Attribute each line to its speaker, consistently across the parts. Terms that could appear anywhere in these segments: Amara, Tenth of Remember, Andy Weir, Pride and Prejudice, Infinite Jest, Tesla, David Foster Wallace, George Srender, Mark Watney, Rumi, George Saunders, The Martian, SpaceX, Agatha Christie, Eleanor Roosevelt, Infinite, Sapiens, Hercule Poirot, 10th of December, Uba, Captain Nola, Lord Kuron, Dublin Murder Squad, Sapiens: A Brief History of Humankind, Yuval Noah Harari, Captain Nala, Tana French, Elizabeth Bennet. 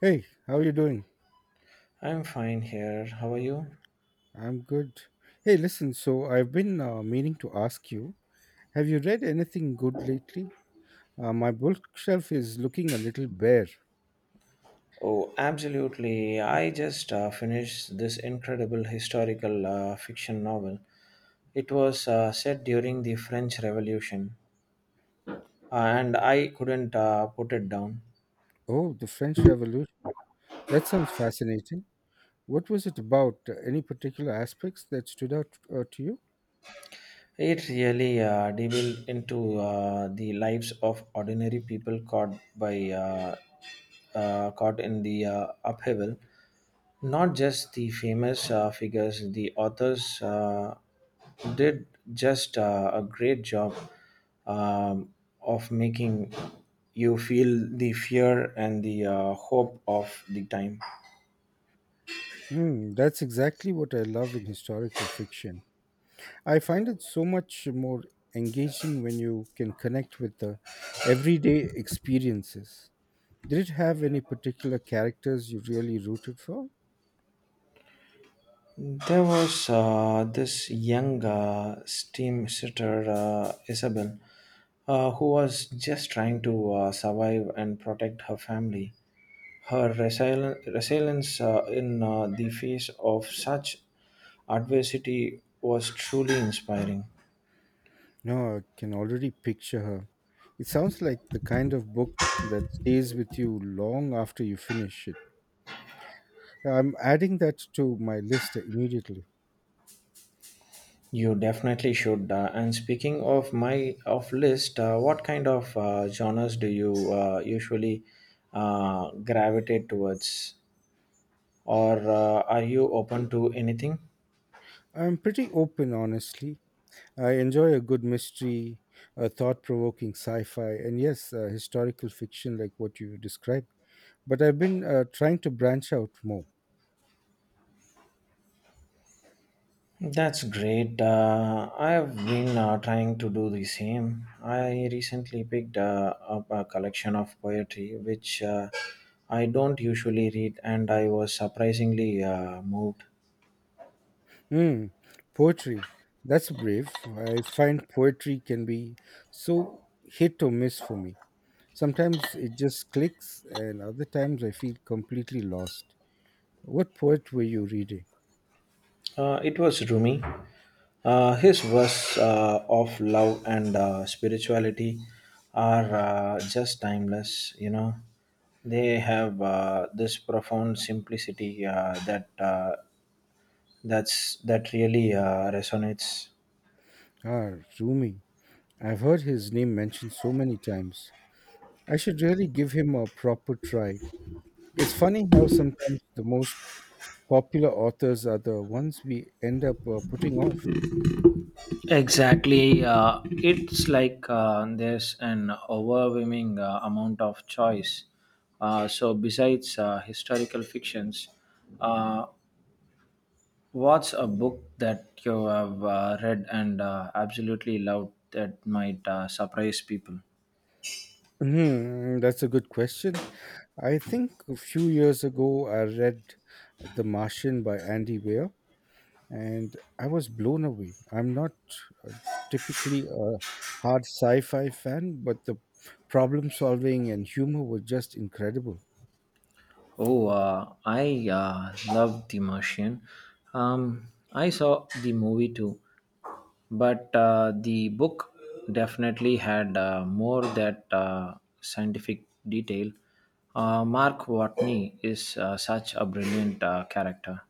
Speaker 1: Hey, how are you doing?
Speaker 2: I'm fine here. How are you?
Speaker 1: I'm good. Hey, listen, so I've been meaning to ask you, have you read anything good lately? My bookshelf is looking a little bare.
Speaker 2: Oh, absolutely. I just finished this incredible historical fiction novel. It was set during the French Revolution, and I couldn't put it down.
Speaker 1: Oh, the French Revolution. That sounds fascinating. What was it about? Any particular aspects that stood out to you?
Speaker 2: It really delved into the lives of ordinary people caught in the upheaval. Not just the famous figures. The authors did just a great job um, of making you feel the fear and the hope of the time.
Speaker 1: Hmm, that's exactly what I love in historical fiction. I find it so much more engaging when you can connect with the everyday experiences. Did it have any particular characters you really rooted for?
Speaker 2: There was this young steam sitter, Isabel, who was just trying to survive and protect her family. Her resilience in the face of such adversity was truly inspiring.
Speaker 1: No, I can already picture her. It sounds like the kind of book that stays with you long after you finish it. I'm adding that to my list immediately.
Speaker 2: You definitely should. And speaking of my of list, what kind of genres do you usually gravitate towards? Or are you open to anything?
Speaker 1: I'm pretty open, honestly. I enjoy a good mystery, a thought provoking sci fi, and yes, historical fiction like what you described. But I've been trying to branch out more.
Speaker 2: That's great. I've been trying to do the same. I recently picked up a collection of poetry, which I don't usually read, and I was surprisingly moved.
Speaker 1: Hmm, poetry. That's brave. I find poetry can be so hit or miss for me. Sometimes it just clicks, and other times I feel completely lost. What poet were you reading?
Speaker 2: It was Rumi. His verse of love and spirituality are just timeless, you know. They have this profound simplicity that really resonates.
Speaker 1: Ah, Rumi. I've heard his name mentioned so many times. I should really give him a proper try. It's funny how sometimes the most popular authors are the ones we end up putting off.
Speaker 2: Exactly. It's like there's an overwhelming amount of choice. So, besides historical fictions, uh, what's a book that you have read and absolutely loved that might surprise people?
Speaker 1: Hmm, that's a good question. I think a few years ago I read The Martian by Andy Weir and I was blown away. I'm not typically a hard sci-fi fan, but the problem solving and humor were just incredible.
Speaker 2: Oh, I love The Martian. I saw the movie too, but the book definitely had more that scientific detail. Mark Watney is such a brilliant character.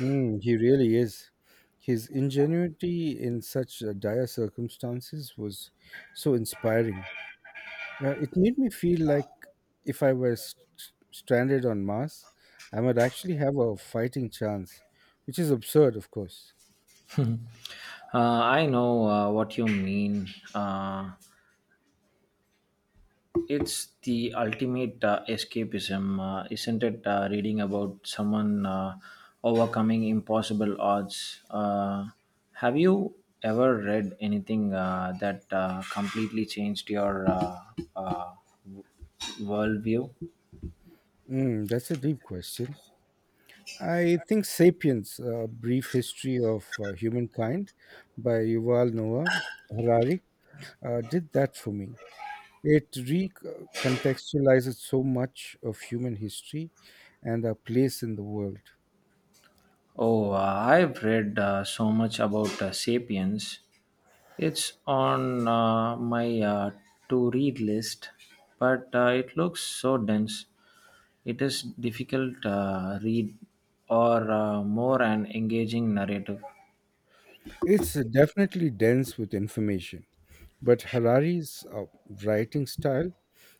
Speaker 1: Mm, he really is. His ingenuity in such dire circumstances was so inspiring. It made me feel like if I were stranded on Mars, I might actually have a fighting chance, which is absurd, of course.
Speaker 2: I know what you mean. Uh, it's the ultimate escapism, isn't it? Reading about someone overcoming impossible odds. Have you ever read anything that completely changed your uh, worldview.
Speaker 1: Mm, that's a deep question. I think *Sapiens: A Brief History of Humankind* by Yuval Noah Harari did that for me. It recontextualizes so much of human history and our place in the world.
Speaker 2: Oh, I've read so much about Sapiens. It's on my to read list, but it looks so dense. It is difficult read or more an engaging narrative?
Speaker 1: It's definitely dense with information. But Harari's writing style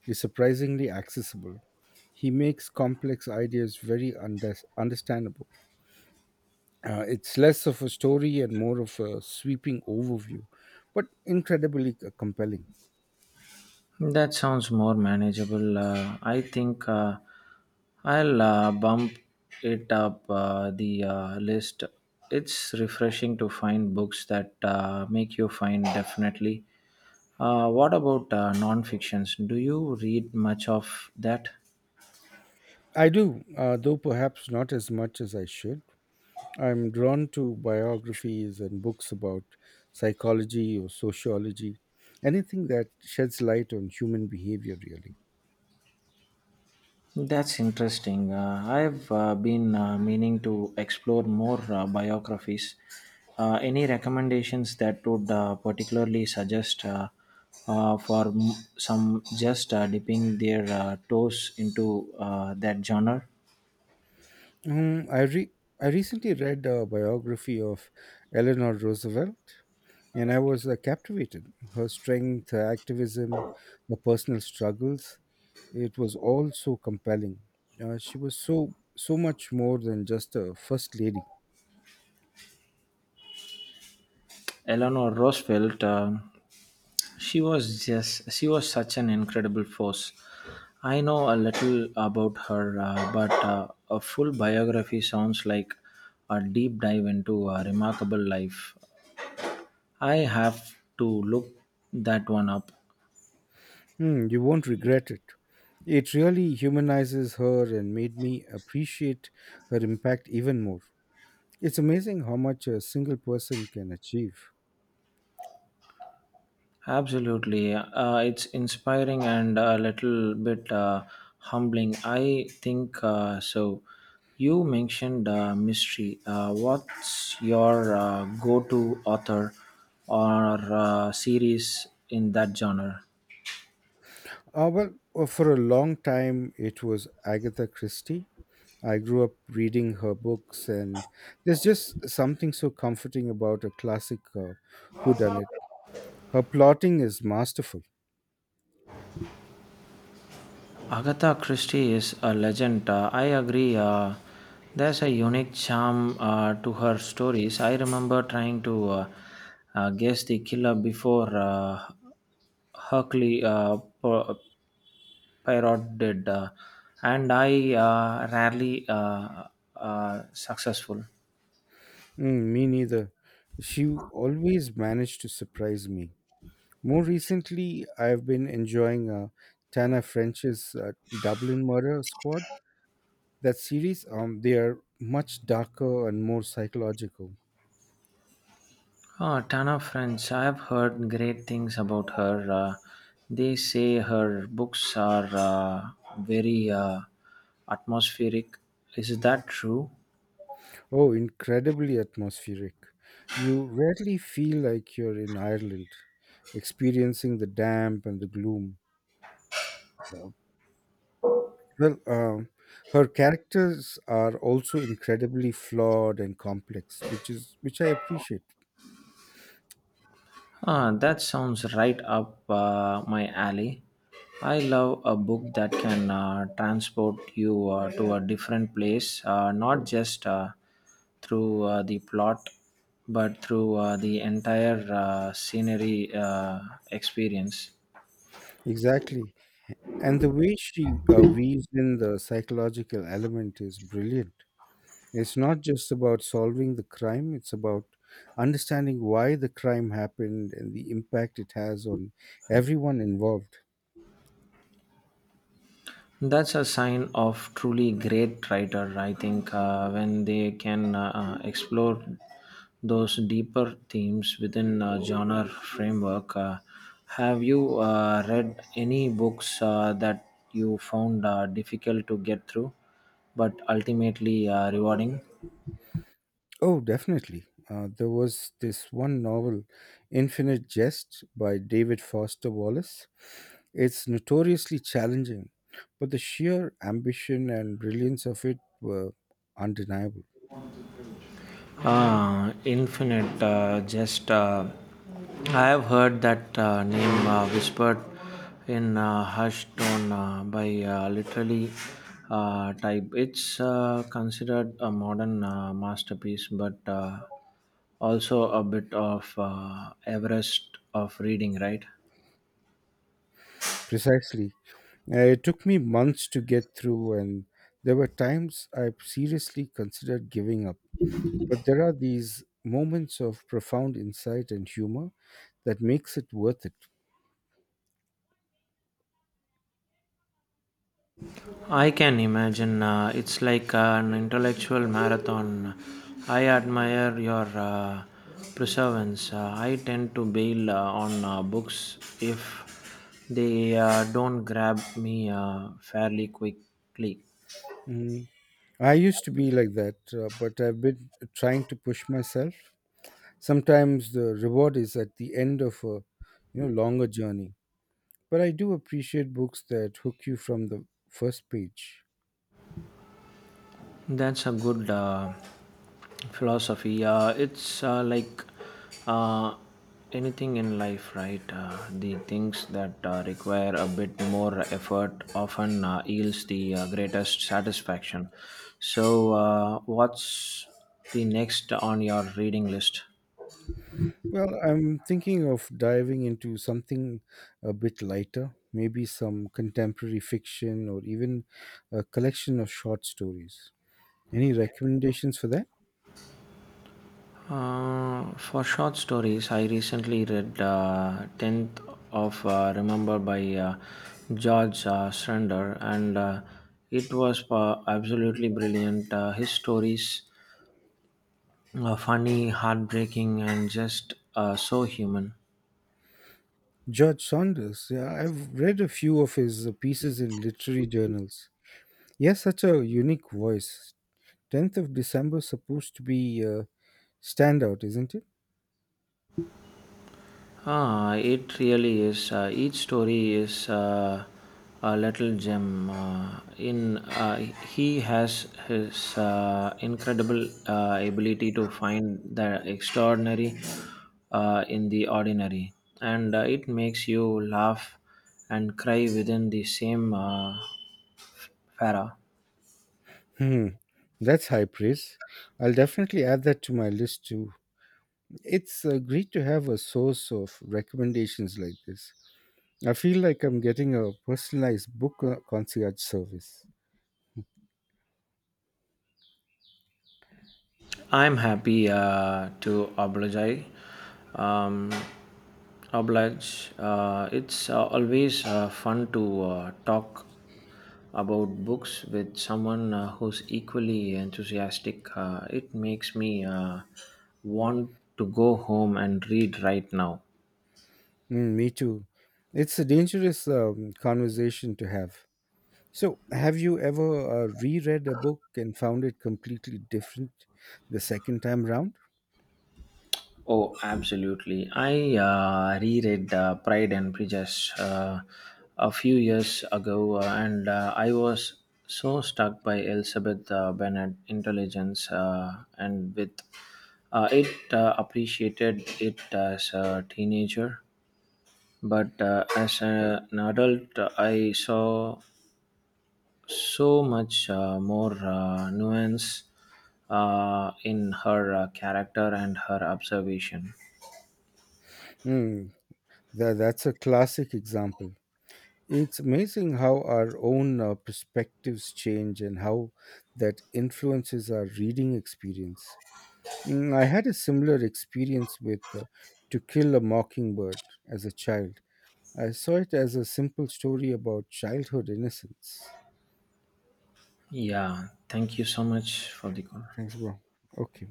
Speaker 1: is surprisingly accessible. He makes complex ideas very understandable. It's less of a story and more of a sweeping overview, but incredibly compelling.
Speaker 2: That sounds more manageable. I think I'll bump it up the list. It's refreshing to find books that make you find definitely. What about non-fictions? Do you read much of that?
Speaker 1: I do, though perhaps not as much as I should. I'm drawn to biographies and books about psychology or sociology, anything that sheds light on human behavior, really.
Speaker 2: That's interesting. I've been meaning to explore more biographies. Any recommendations that would particularly suggest for some just dipping their toes into that genre?
Speaker 1: Um, I re- I recently read a biography of Eleanor Roosevelt, and I was captivated. Her strength, her activism, her personal struggles, it was all so compelling. She was so much more than just a first lady.
Speaker 2: Eleanor Roosevelt. She was such an incredible force. I know a little about her, but a full biography sounds like a deep dive into a remarkable life. I have to look that one up.
Speaker 1: Hmm, you won't regret it. It really humanizes her and made me appreciate her impact even more. It's amazing how much a single person can achieve.
Speaker 2: Absolutely. It's inspiring and a little bit humbling. I think so. You mentioned mystery. What's your go to author or series in that genre?
Speaker 1: Well, for a long time, it was Agatha Christie. I grew up reading her books, and there's just something so comforting about a classic whodunit. Her plotting is masterful.
Speaker 2: Agatha Christie is a legend. I agree. There's a unique charm to her stories. I remember trying to guess the killer before Hercule Poirot did, and I rarely successful.
Speaker 1: Mm, me neither. She always managed to surprise me. More recently, I've been enjoying Tana French's Dublin Murder Squad. That series, they are much darker and more psychological.
Speaker 2: Oh, Tana French. I've heard great things about her. They say her books are very atmospheric. Is that true?
Speaker 1: Oh, incredibly atmospheric. You rarely feel like you're in Ireland, experiencing the damp and the gloom. Uh, Well, her characters are also incredibly flawed and complex, which I appreciate.
Speaker 2: Ah, that sounds right up my alley. I love a book that can transport you to a different place, not just through the plot, but through the entire scenery experience.
Speaker 1: Exactly, and the way she weaves in the psychological element is brilliant. It's not just about solving the crime; it's about understanding why the crime happened and the impact it has on everyone involved.
Speaker 2: That's a sign of truly great writer, I think, when they can explore those deeper themes within a genre framework. Have you read any books that you found difficult to get through, but ultimately rewarding?
Speaker 1: Oh, definitely. There was this one novel, Infinite Jest by David Foster Wallace. It's notoriously challenging, but the sheer ambition and brilliance of it were undeniable.
Speaker 2: Infinite, just I have heard that name whispered in hushed tone by literally type. It's considered a modern masterpiece, but also a bit of Everest of reading, right?
Speaker 1: Precisely. It took me months to get through, and there were times I seriously considered giving up. But there are these moments of profound insight and humor that makes it worth it.
Speaker 2: I can imagine it's like an intellectual marathon. I admire your perseverance. I tend to bail on books if they don't grab me fairly quickly.
Speaker 1: Mm. I used to be like that, but I've been trying to push myself. Sometimes the reward is at the end of a longer journey. But I do appreciate books that hook you from the first page.
Speaker 2: That's a good philosophy. It's like uh, anything in life, right? The things that require a bit more effort often yields the greatest satisfaction. So, what's the next on your reading list?
Speaker 1: Well, I'm thinking of diving into something a bit lighter, maybe some contemporary fiction or even a collection of short stories. Any recommendations for that?
Speaker 2: For short stories, I recently read Tenth of Remember by George Srender, and it was absolutely brilliant. His stories, funny, heartbreaking, and just so human.
Speaker 1: George Saunders. Yeah, I've read a few of his pieces in literary journals. Yes, such a unique voice. 10th of December supposed to be a standout, isn't it?
Speaker 2: Ah, it really is. Each story is a little gem. In He has his incredible ability to find the extraordinary in the ordinary, and it makes you laugh and cry within the same para.
Speaker 1: Hmm. That's high praise. I'll definitely add that to my list too. It's great to have a source of recommendations like this. I feel like I'm getting a personalized book concierge service.
Speaker 2: I'm happy to oblige. Um, it's always fun to talk about books with someone who's equally enthusiastic. It makes me want to go home and read right now.
Speaker 1: Mm, me too. It's a dangerous conversation to have. So, have you ever reread a book and found it completely different the second time round?
Speaker 2: Oh, absolutely. I reread Pride and Prejudice a few years ago, and I was so struck by Elizabeth Bennet' intelligence, and with it appreciated it as a teenager. But as an adult, I saw so much more nuance in her character and her observation.
Speaker 1: Hmm. That's a classic example. It's amazing how our own perspectives change and how that influences our reading experience. Mm, I had a similar experience with To Kill a Mockingbird as a child. I saw it as a simple story about childhood innocence.
Speaker 2: Yeah, thank you so much for the call.
Speaker 1: Thanks, bro. Okay.